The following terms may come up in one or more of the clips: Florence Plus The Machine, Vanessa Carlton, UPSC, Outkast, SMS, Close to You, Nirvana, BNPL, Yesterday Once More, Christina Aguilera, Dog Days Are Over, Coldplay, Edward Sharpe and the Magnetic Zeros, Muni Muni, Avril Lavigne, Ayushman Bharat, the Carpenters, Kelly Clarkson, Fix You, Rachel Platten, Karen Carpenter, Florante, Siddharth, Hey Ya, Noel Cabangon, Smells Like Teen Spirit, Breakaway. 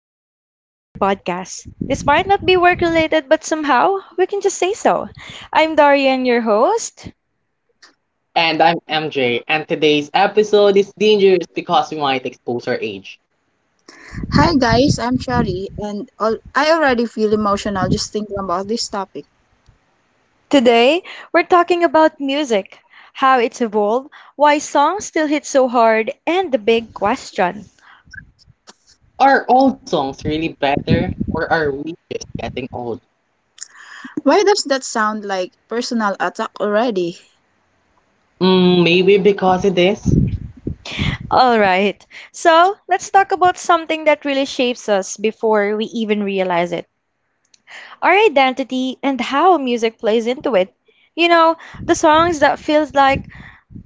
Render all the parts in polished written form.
and welcome to the podcast. This might not be work related, but somehow we can just say so. I'm Darian, your host. And I'm MJ, and today's episode is dangerous because we might expose our age. Hi guys, I'm Chari, and I already feel emotional just thinking about this topic. Today, we're talking about music, how it's evolved, why songs still hit so hard, and the big question. Are old songs really better, or are we just getting old? Why does that sound like personal attack already? Maybe because it is? Alright, so let's talk about something that really shapes us before we even realize it: our identity and how music plays into it. You know, the songs that feels like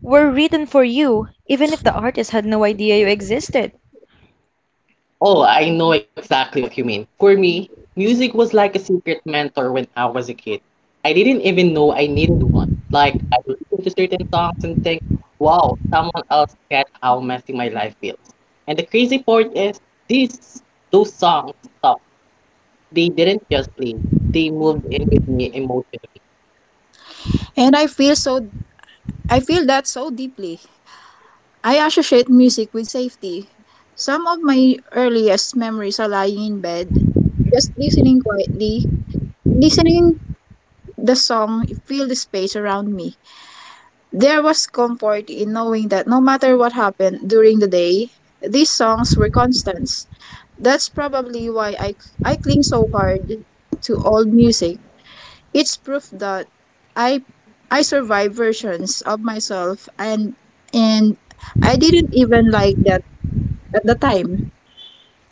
were written for you, even if the artist had no idea you existed. Oh, I know exactly what you mean. For me, music was like a secret mentor when I was a kid. I didn't even know I needed one. Like, I would listen to certain songs and think, wow, someone else gets how messy my life feels. And the crazy part is, these those songs They didn't just play, they moved in with me emotionally. And I feel so I feel that so deeply. I associate music with safety. Some of my earliest memories are lying in bed, just listening quietly, listening the song, feel the space around me. There was comfort in knowing that no matter what happened during the day, these songs were constants. That's probably why I cling so hard to old music. It's proof that I I survived versions of myself and I didn't even like that at the time.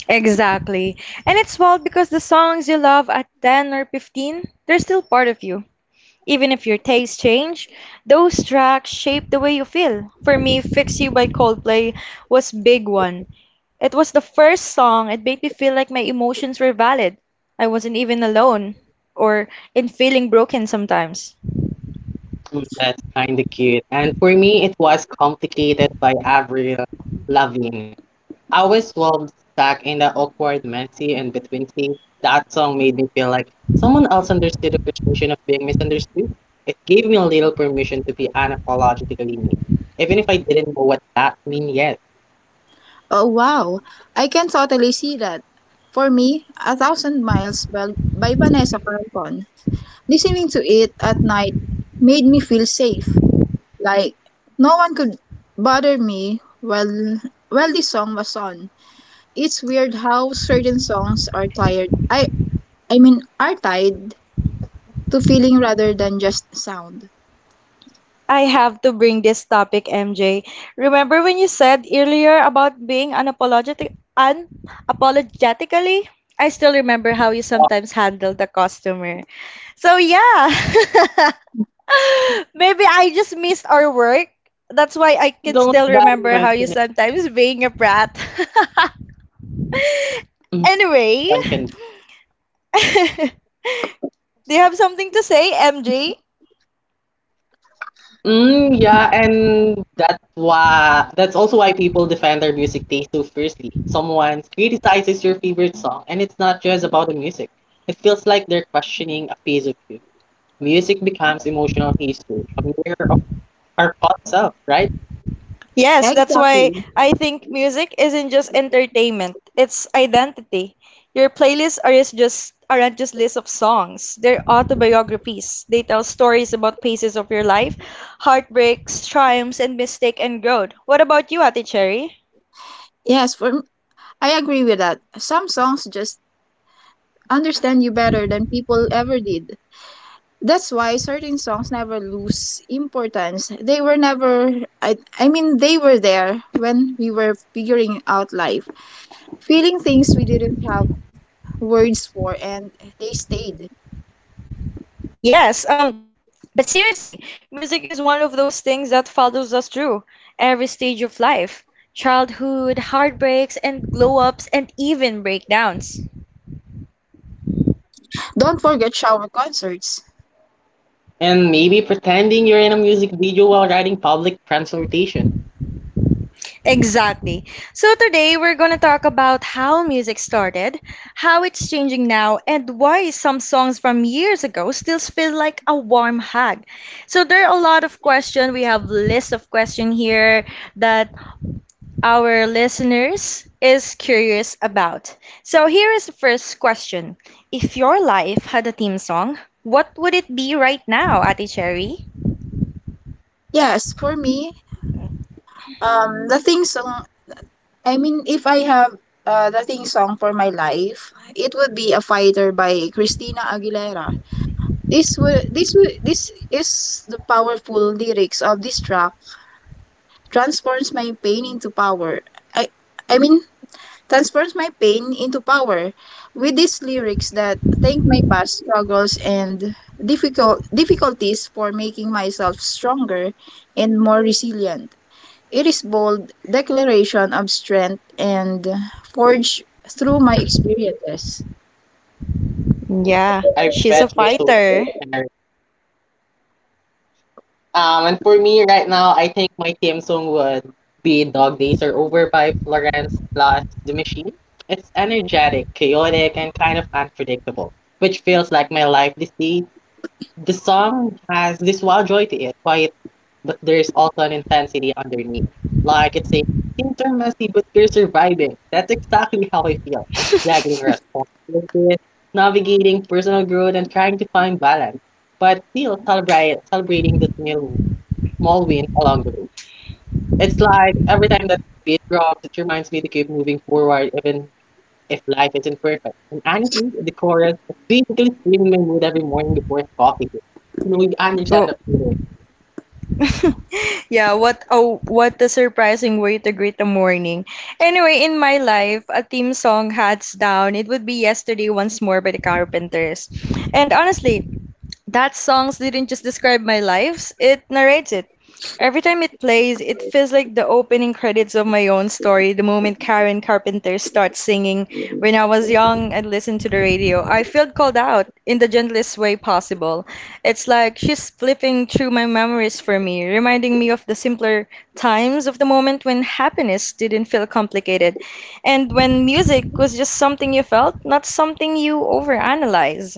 Exactly. And it's wild because the songs you love at 10 or 15, they're still part of you. Even if your tastes change, those tracks shape the way you feel. For me, Fix You by Coldplay was big one. It was the first song it made me feel like my emotions were valid. I wasn't even alone or in feeling broken sometimes. That's kind of cute. And for me, it was complicated by Avril Lavigne. I was well stuck in the awkward, messy, and between scenes. That song made me feel like someone else understood the frustration of being misunderstood. It gave me a little permission to be unapologetically me, even if I didn't know what that mean yet. Oh wow, I can totally see that. For me, A Thousand Miles by Vanessa Carlton. Listening to it at night made me feel safe. Like no one could bother me while the song was on. It's weird how certain songs are tired. I mean are tied to feeling rather than just sound. I have to bring this topic, MJ. Remember when you said earlier about being unapologetically? I still remember how you Oh, sometimes handle the customer. So yeah, maybe I just missed our work. That's why I can don't still remember bad how you man. sometimes being a brat. Anyway, One can do you have something to say, MJ? Yeah, and that's also why people defend their music taste so fiercely. Someone criticizes your favorite song, and it's not just about the music. It feels like they're questioning a piece of you. Music becomes emotional history, a mirror of our past self, right? Yes, that's why Exactly. I think music isn't just entertainment, it's identity. Your playlists aren't just lists of songs. They're autobiographies. They tell stories about phases of your life, heartbreaks, triumphs, and mistake and growth. What about you, Ate Cherry? Yes, for m- I agree with that. Some songs just understand you better than people ever did. That's why certain songs never lose importance. They were never I I mean They were there when we were figuring out life, feeling things we didn't have words for, and they stayed. Yes, but seriously, music is one of those things that follows us through every stage of life. Childhood, heartbreaks, and glow ups, and even breakdowns. Don't forget shower concerts. And maybe pretending you're in a music video while riding public transportation. Exactly. So today we're going to talk about how music started, how it's changing now, and why some songs from years ago still feel like a warm hug. So there are a lot of questions. We have list of questions here that our listeners is curious about. So here is the first question. If your life had a theme song, what would it be right now, Ate Cherry? Yes, for me, the thing song. I mean, if I have the thing song for my life, it would be "A Fighter" by Christina Aguilera. This is the powerful lyrics of this track transforms my pain into power. I, I mean, transforms my pain into power. With these lyrics that thank my past struggles and difficulties for making myself stronger and more resilient. It is bold declaration of strength and forged through my experiences. Yeah, I bet she's you're a so. fighter. And for me right now, I think my theme song would be Dog Days Are Over by Florence Plus The Machine. It's energetic, chaotic, and kind of unpredictable, which feels like my life this day. The song has this wild joy to it, quiet but there's also an intensity underneath. Like it's a things are messy, but you're surviving. That's exactly how I feel. Juggling responsibilities, navigating personal growth, and trying to find balance, but still celebrating the small wins along the way. It's like every time that beat drops, it reminds me to keep moving forward, even if life isn't perfect. And honestly, the chorus is basically stealing my mood every morning before coffee. You know, you Oh, understand that feeling. Yeah, what a surprising way to greet the morning. Anyway, in my life, a theme song hands down, it would be Yesterday Once More by the Carpenters. And honestly, that songs didn't just describe my lives, it narrates it. Every time it plays, it feels like the opening credits of my own story. The moment Karen Carpenter starts singing, when I was young and listened to the radio, I felt called out in the gentlest way possible. It's like she's flipping through my memories for me, reminding me of the simpler times of the moment when happiness didn't feel complicated and when music was just something you felt, not something you overanalyze.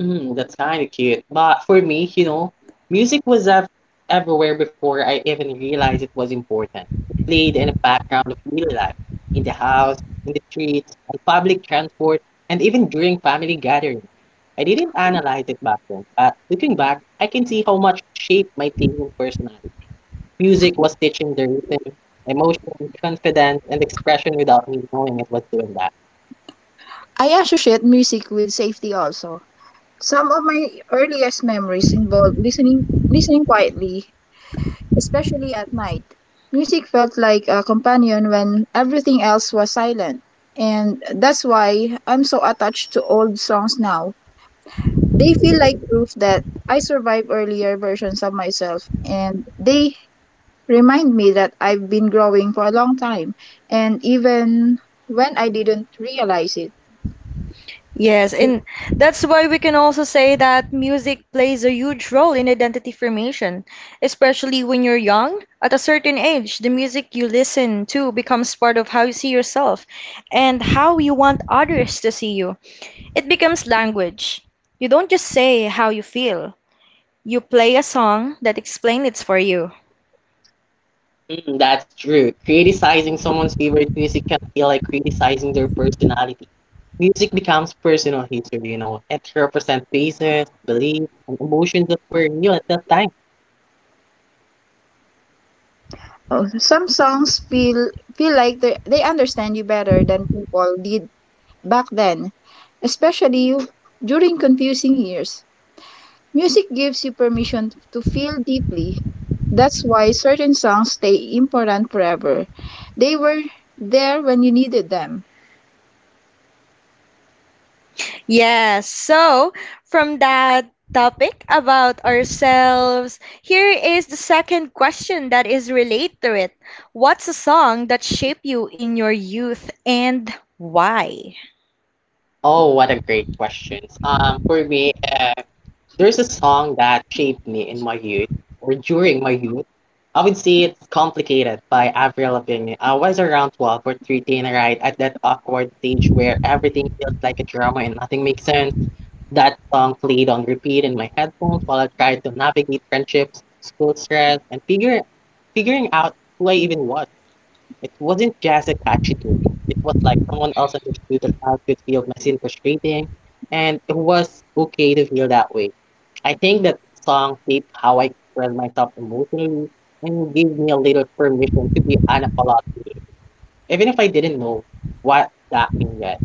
That's kind of cute. But for me, music was everywhere before I even realized it was important. It played in the background of daily life, in the house, in the streets, on public transport, and even during family gatherings. I didn't analyze it back then, but looking back, I can see how much it shaped my thinking personality. Music was teaching the rhythm, emotion, confidence, and expression without me knowing it was doing that. I associate music with safety also. Some of my earliest memories involve listening quietly especially at night. Music felt like a companion when everything else was silent, and that's why I'm so attached to old songs now. They feel like proof that I survived earlier versions of myself, and they remind me that I've been growing for a long time, and even when I didn't realize it. Yes, and that's why we can also say that music plays a huge role in identity formation, especially when you're young. At a certain age, the music you listen to becomes part of how you see yourself and how you want others to see you. It becomes language. You don't just say how you feel, you play a song that explains it for you. That's true. Criticizing someone's favorite music can feel like criticizing their personality. Music becomes personal history, you know. It represents faces, beliefs, and emotions that were new at that time. Some songs feel like they understand you better than people did back then, especially during confusing years. Music gives you permission to feel deeply. That's why certain songs stay important forever. They were there when you needed them. Yes. So, from that topic about ourselves, here is the second question that is related to it. What's a song that shaped you in your youth and why? Oh, what a great question. For me, there's a song that shaped me in my youth or during my youth. I would say it's complicated by Avril Lavigne. I was around 12 or 13, right, at that awkward stage where everything feels like a drama and nothing makes sense. That song played on repeat in my headphones while I tried to navigate friendships, school stress, and figuring out who I even was. It wasn't just a catchy tune. It was like someone else understood the childhood feel of my and frustrating, and it was okay to feel that way. I think that song shaped how I expressed myself emotionally and gave me a little permission to be unapologetic, even if I didn't know what that meant yet.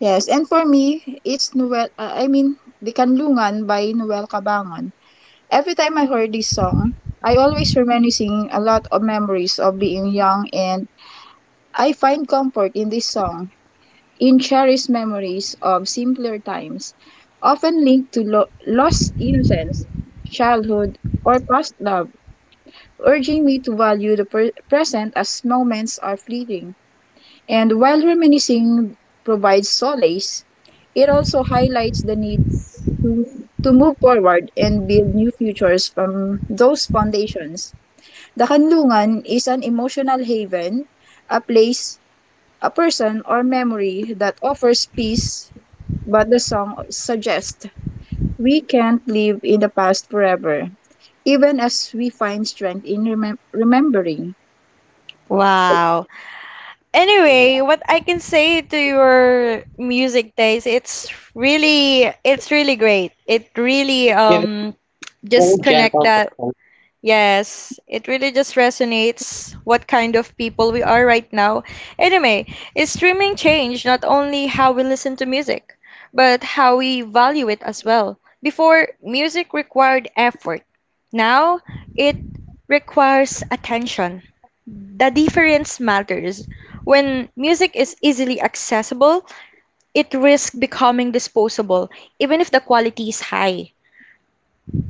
Yes, and for me, it's Dikanlungan by Noel Cabangon. Every time I heard this song, I always reminiscing a lot of memories of being young and I find comfort in this song, in cherished memories of simpler times, often linked to lost innocence, childhood, or past love. Urging me to value the present as moments are fleeting. And while reminiscing provides solace, it also highlights the need to, to move forward and build new futures from those foundations. The Kanlungan is an emotional haven, a place, a person, or memory that offers peace, but the song suggests we can't live in the past forever, even as we find strength in remembering. Wow. Yeah. Anyway, what I can say to your music taste, it's really great. It really With very just connect gentle. that. Yes, it really just resonates what kind of people we are right now. Anyway, is streaming changed not only how we listen to music, but how we value it as well. Before, music required effort. Now, it requires attention. The difference matters. When music is easily accessible, it risks becoming disposable, even if the quality is high.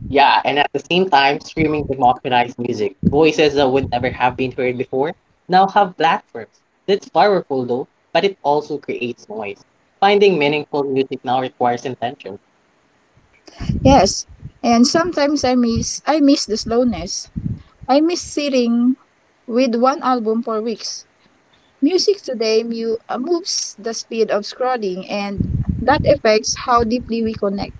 Yeah, and at the same time, streaming democratized music. Voices that would never have been heard before now have platforms. That's powerful though, but it also creates noise. Finding meaningful music now requires intention. Yes, and sometimes I miss the slowness. I miss sitting with one album for weeks. Music today moves the speed of scrolling, and that affects how deeply we connect.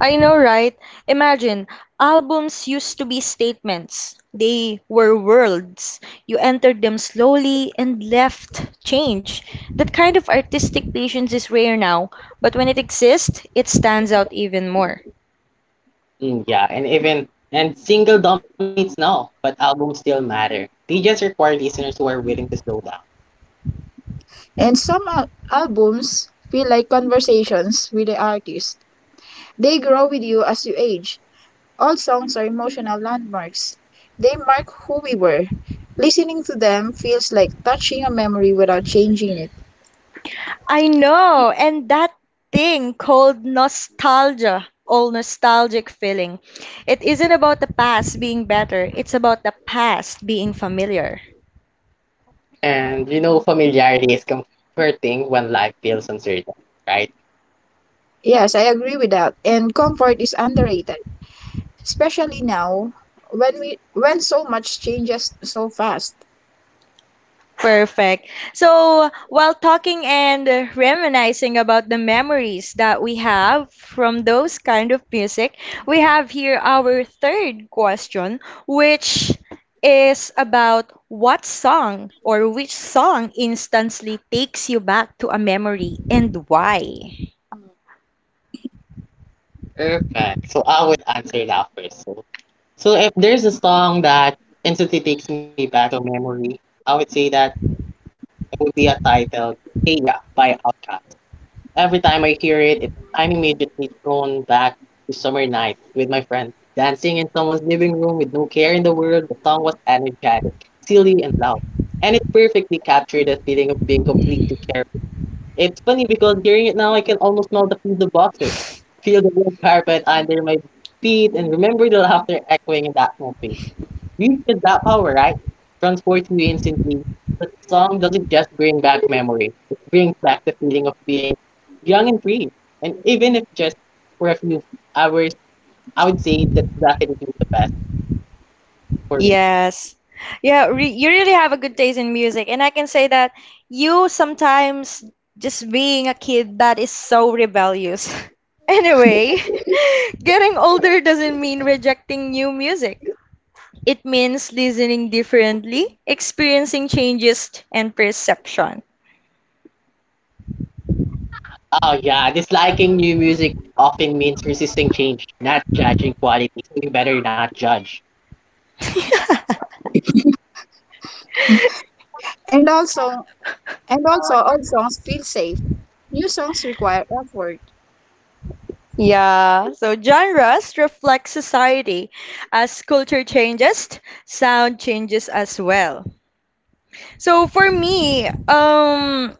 I know, right? Imagine, albums used to be statements. They were worlds. You entered them slowly and left change. That kind of artistic patience is rare now, but when it exists, it stands out even more. Yeah, and single dominates now, but albums still matter. They just require listeners who are willing to slow down. And some albums feel like conversations with the artist. They grow with you as you age. All songs are emotional landmarks. They mark who we were. Listening to them feels like touching a memory without changing it. I know, and that thing called nostalgia all nostalgic feeling. It isn't about the past being better, it's about the past being familiar. And you know, familiarity is comforting when life feels uncertain, right? Yes, I agree with that. And comfort is underrated, especially now when so much changes so fast. Perfect. So, while talking and reminiscing about the memories that we have from those kind of music, we have here our third question, which is about what song or which song instantly takes you back to a memory and why? Perfect. So I would answer that first. So, so if there's a song that instantly takes me back to a memory, I would say that it would be a title Hey Ya by Outkast. Every time I hear it, I'm immediately thrown back to summer night with my friends, dancing in someone's living room with no care in the world. The song was energetic, silly, and loud, and it perfectly captured the feeling of being completely carefree. It's funny because hearing it now, I can almost smell the pizza boxes, feel the wood carpet under my feet, and remember the laughter echoing in the atmosphere. Music is that power, right? Transports you instantly. But the song doesn't just bring back memory. It brings back the feeling of being young and free. And even if just for a few hours, I would say that definitely the best for me. Yes. Yeah, re you really have a good taste in music. And I can say that you sometimes, just being a kid, that is so rebellious. Anyway, getting older doesn't mean rejecting new music. It means listening differently, experiencing changes, and perception. Oh yeah, disliking new music often means resisting change, not judging quality. So you better not judge. And also and also old songs feel safe. New songs require effort. Yeah, so genres reflect society. As culture changes, sound changes as well. So for me,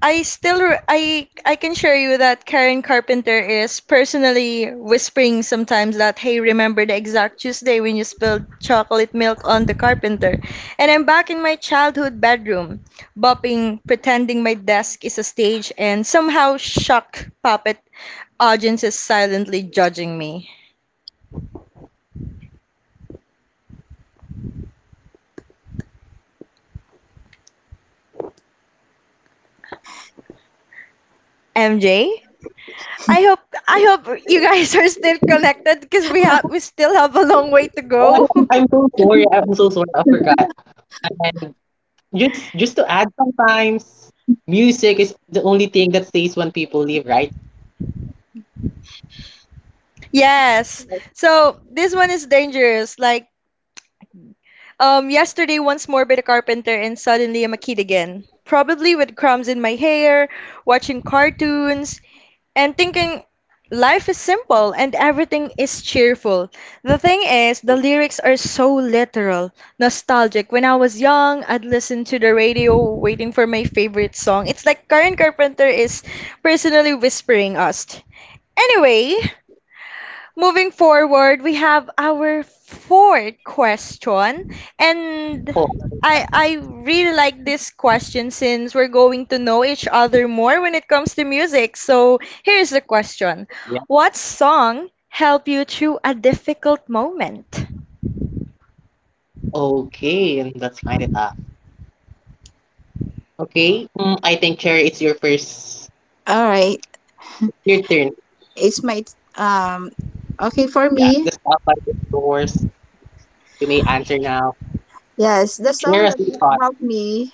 I still re- I can share you that Karen Carpenter is personally whispering sometimes that hey, remember the exact Tuesday when you spilled chocolate milk on the carpenter, and I'm back in my childhood bedroom, bopping, pretending my desk is a stage, and somehow shock puppet audience is silently judging me. MJ, I hope I hope you guys are still connected because we still have a long way to Oh, go. I am so sorry. I'm so sorry. I forgot. And just to add, sometimes music is the only thing that stays when people leave, right? Yes. So this one is dangerous. Like, yesterday once more bit a carpenter and suddenly I'm a kid again. Probably with crumbs in my hair, watching cartoons, and thinking life is simple and everything is cheerful. The thing is, the lyrics are so literal, nostalgic. When I was young, I'd listen to the radio waiting for my favorite song. It's like Karen Carpenter is personally whispering us. Anyway, moving forward, we have our fourth question. And Oh, I really like this question since we're going to know each other more when it comes to music. So here's the question. What song helped you through a difficult moment? okay, and that's kind of tough. Okay, I think Cherry, it's your first, All right, your turn. it's my um okay for Yeah, the me. spotlight is yours. You may answer now. Yes, the Share song us that your thoughts. helped me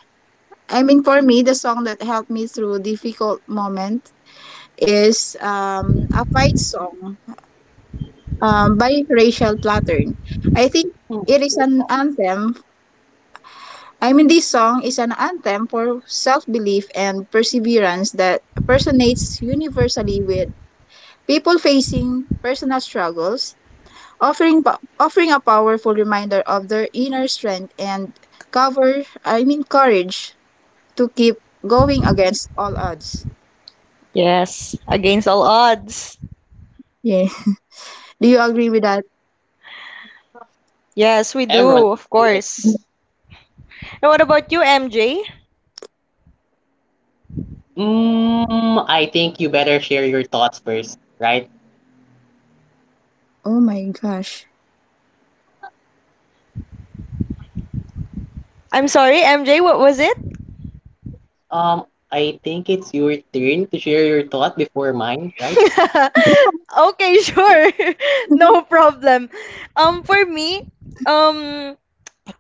I mean, for me, the song that helped me through difficult moment is a fight song by Rachel Platten. I think Hmm, it is an anthem. I mean, this song is an anthem for self-belief and perseverance that resonates universally with people facing personal struggles, offering a powerful reminder of their inner strength and courage to keep going against all odds. Yes, against all odds. Yeah. Do you agree with that? Yes, we do, everyone of can do it. course. And what about you, MJ? I think you better share your thoughts first, right? Oh my gosh. I'm sorry, MJ, what was it? Um, I think it's your turn to share your thought before mine, right? Okay, sure. No problem. For me, um,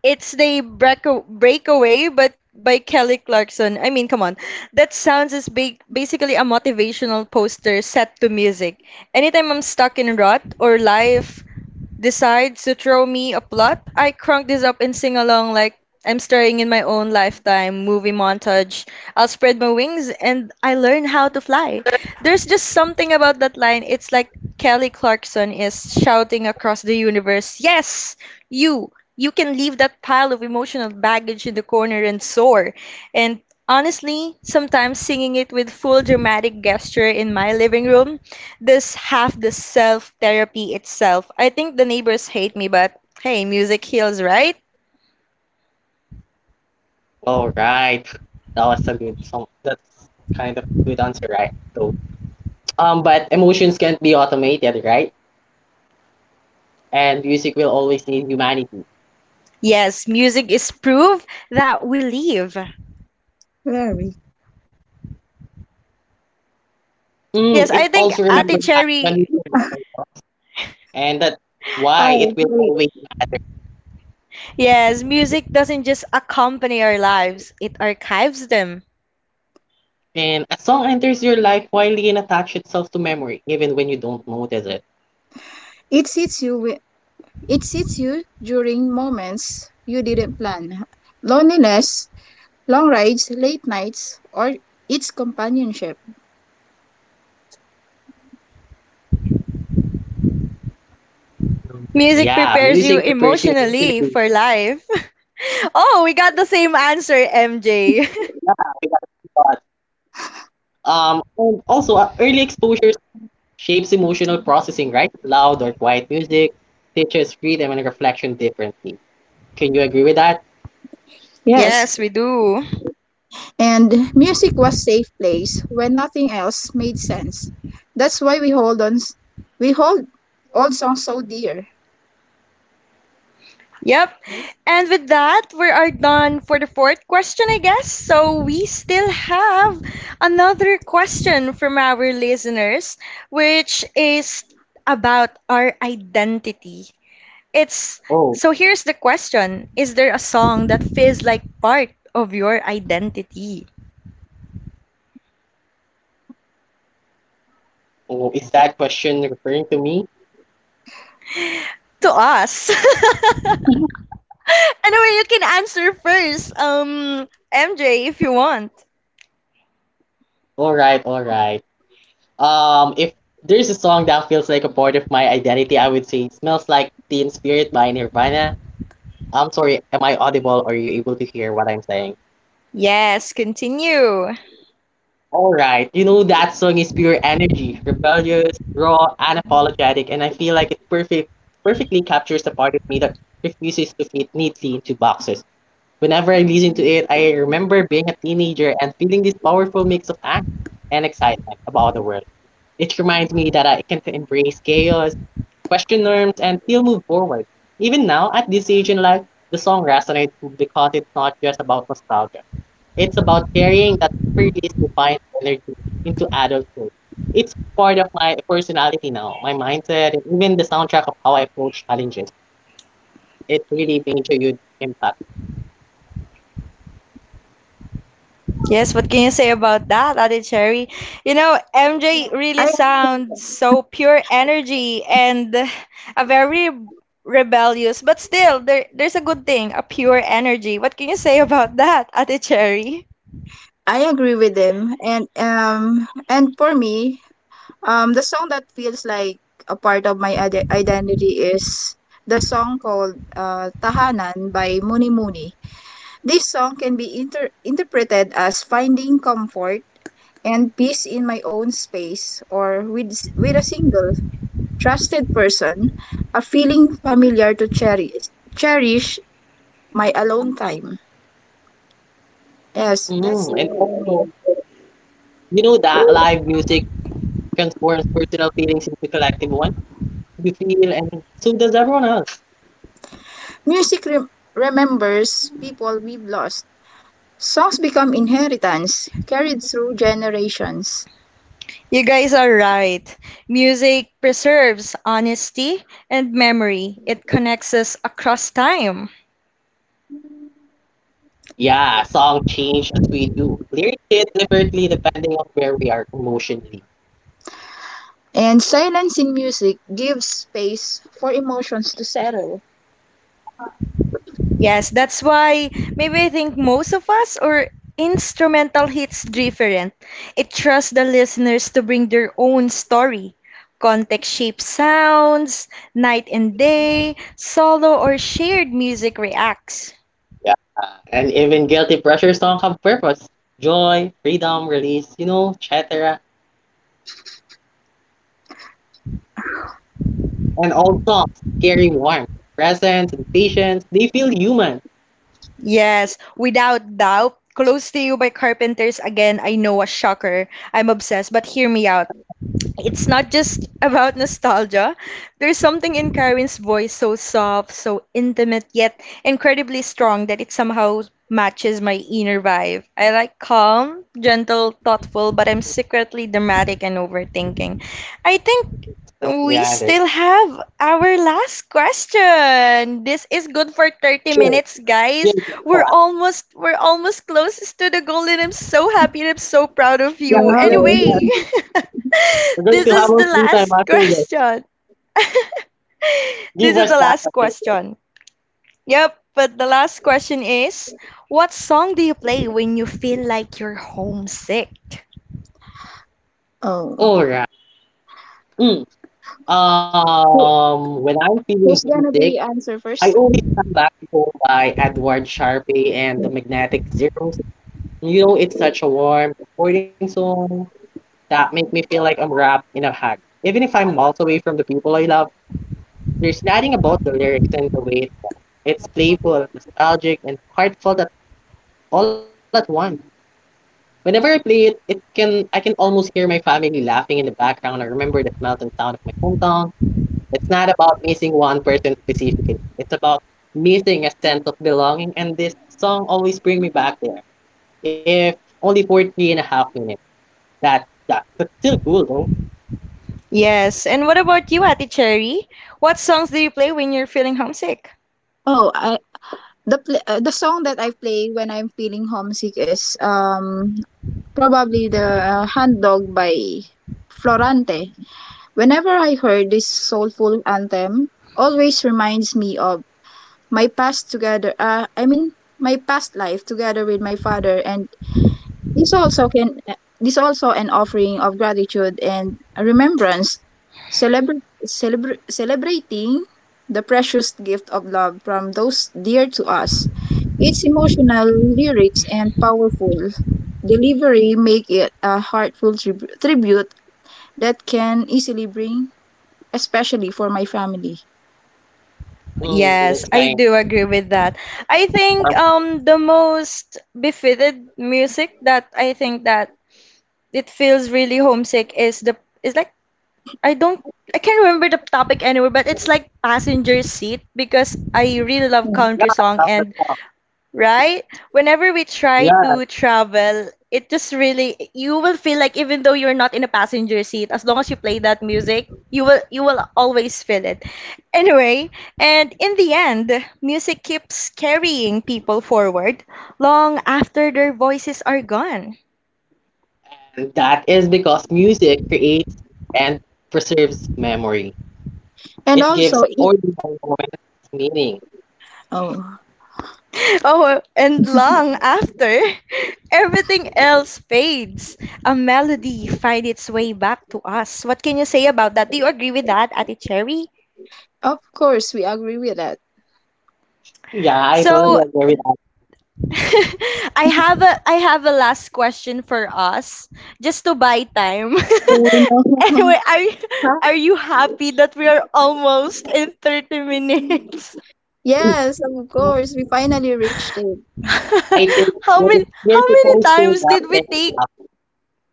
it's the breakaway, but by Kelly Clarkson. I mean, come on, that sounds is ba basically a motivational poster set to music. Anytime I'm stuck in rut or life decides to throw me a plot, I crunk this up and sing along like I'm starring in my own lifetime movie montage. I'll spread my wings and I learn how to fly. There's just something about that line. It's like Kelly Clarkson is shouting across the universe, Yes, you can leave that pile of emotional baggage in the corner and soar. And honestly, sometimes singing it with full dramatic gesture in my living room this half the self therapy itself. I think the neighbors hate me, but hey, music heals, right? All right, that was a good song. That's kind of good answer, right? So, but emotions can't be automated, right? And music will always need humanity. Yes, music is proof that we live. Very. Yes, I It think also Ate remembers back when we Cherry, were young, and that's why it Oh, will wait. always matter. yes, music doesn't just accompany our lives, it archives them. And a song enters your life quietly and attaches itself to memory, even when you don't notice it. It sits you wi- it sits you during moments you didn't plan. Loneliness, long rides, late nights, or its companionship. Mm. Music Yeah, prepares music you prepares you emotionally emotionally. for life. Oh, we got the same answer, MJ. But, and also early exposures shapes emotional processing, right? Loud or quiet music teaches freedom and reflection differently. Can you agree with that? Yes. Yes, we do. And music was safe place when nothing else made sense. That's why we hold old songs so dear. Yep. And with that, we are done for the fourth question, I guess. So we still have another question from our listeners, which is about our identity. It's Oh, so here's the question. Is there a song that feels like part of your identity? oh, is that question referring to me? To us. Anyway, you can answer first, MJ, if you want. All right, all right. If there's a song that feels like a part of my identity, I would say "Smells Like Teen Spirit" by Nirvana. I'm sorry, am I audible? Are you able to hear what I'm saying? Yes, continue. All right, you know that song is pure energy, rebellious, raw, unapologetic, and I feel like it perfectly captures the part of me that refuses to fit neatly into boxes. Whenever I listen to it, I remember being a teenager and feeling this powerful mix of angst and excitement about the world. It reminds me that I can embrace chaos, question norms, and still move forward. Even now, at this age in life, the song resonates because it's not just about nostalgia. It's about carrying that previous defiant energy into adulthood. It's part of my personality now, my mindset, and even the soundtrack of how I approach challenges. It really made a huge impact. Yes, what can you say about that, Ate Cherry? You know, MJ really I sounds so pure energy and a very rebellious, but still, there's a good thing, a pure energy. What can you say about that, Ate Cherry? I agree with them and for me, the song that feels like a part of my identity is the song called Tahanan by Muni Muni. This song can be interpreted as finding comfort and peace in my own space or with a single trusted person, a feeling familiar to cherish my alone time. Yes, that's it And for me. also, you know that live music transforms personal feelings into collective ones. You feel, and so does everyone else. Music remembers people we've lost. Songs become inheritance carried through generations, You guys are right. Music preserves honesty and memory. It connects us across time. Yeah, song change as we do. Lyrics hit differently depending on where we are emotionally. and silence in music gives space for emotions to settle. Yes, that's why maybe I think most of us or instrumental hits different. It trusts the listeners to bring their own story. Context shaped sounds, night and day, solo or shared music reacts. Yeah. And even guilty pressure song have purpose. Joy, freedom, release, you know, etc. And all songs carry warmth, presence, and patience. They feel human. Yes, without doubt. Close to You by Carpenters again, I know, a shocker. I'm obsessed, but hear me out. It's not just about nostalgia. There's something in Karen's voice so soft, so intimate, yet incredibly strong that it somehow matches my inner vibe. I like calm, gentle, thoughtful, but I'm secretly dramatic and overthinking. I think But we yeah, there's still have our last question. This is good for 30 sure. minutes, Yes, guys. yes, oh, We're almost closest to the goal and I'm so happy and I'm so proud of yes, you. yeah, yes, Wow. yes. Anyway, We're going to this have a is the free time last after this. question. Give This us is the last that. question. Yep, but the last question is what song do you play when you feel like you're homesick? Oh, All right. Mm. Who- When I'm feeling who's gonna homesick, be answer I first? always come back to go by Edward Sharpe and the Magnetic Zeros. You know, it's such a warm, comforting song that make me feel like I'm wrapped in a hug. Even if I'm miles away from the people I love, there's nothing about the lyrics and the way it sounds. It's playful, nostalgic, and heartfelt all at once. Whenever I play it, it can I can almost hear my family laughing in the background. I remember the smell and sound of my hometown. It's not about missing one person specifically. It's about missing a sense of belonging. And this song always bring me back there. If only for 3.5 minutes. That that but still cool though. Yes, and what about you, Ati Cherry? What songs do you play when you're feeling homesick? Oh, the song that I play when I'm feeling homesick is probably the Hand Dog by Florante. Whenever I heard this soulful anthem, always reminds me of my past together my past life together with my father and this also can this also an offering of gratitude and remembrance celebra- celebrating the precious gift of love from those dear to us, its emotional lyrics and powerful delivery make it a heartful tribute that can easily bring especially for my family. Mm, Yes, that's I kind do agree with that. I of think the most befitted music that I think that it feels really homesick is like I don't I can't remember the topic anywhere, but it's like passenger seat because I really love Yeah, country song that's the and song. right? Whenever we try Yeah. to travel, it just really you will feel like even though you're not in a passenger seat, as long as you play that music, you will always feel it. Anyway, and in the end, music keeps carrying people forward long after their voices are gone. And that is because music creates and preserves memory. And It also gives it. ordinary moments meaning. Oh. Oh, and long after everything else fades, a melody finds its way back to us. What can you say about that? Do you agree with that, Ate Cherry? Of course, we agree with that. Yeah, I totally So agree with I have a last question for us just to buy time. Oh no. Anyway, are you happy that we are almost in 30 minutes? Yes, of course, we finally reached it. that. I think How many we're how many supposed to times wrap did we things take? up.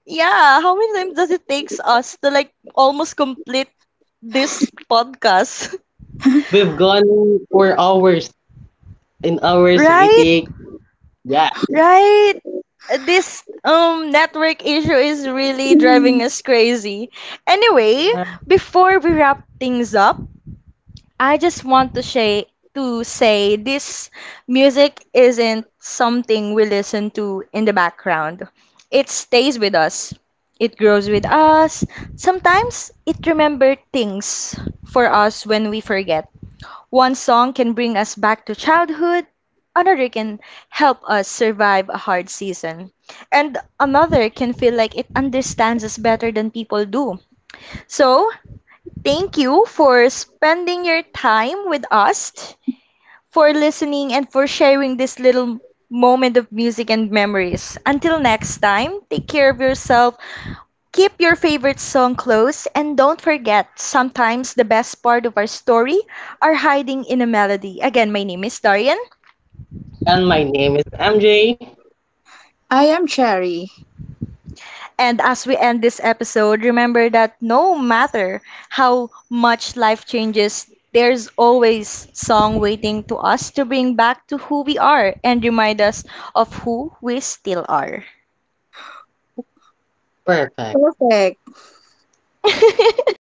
Yeah, how many times does it takes us to like almost complete this podcast? We've gone for hours in our Right? city. Yeah. Right? This network issue is really driving us crazy. Anyway, before we wrap things up, I just want to say this music isn't something we listen to in the background. It stays with us. It grows with us. Sometimes it remembers things for us when we forget. One song can bring us back to childhood, another can help us survive a hard season, and another can feel like it understands us better than people do. So, thank you for spending your time with us, for listening, and for sharing this little moment of music and memories. Until next time, take care of yourself. Keep your favorite song close and don't forget, sometimes the best part of our story are hiding in a melody. Again, my name is Darian. And my name is MJ. I am Cherry. And as we end this episode, remember that no matter how much life changes, there's always song waiting to us to bring back to who we are and remind us of who we still are. Perfect. Perfect.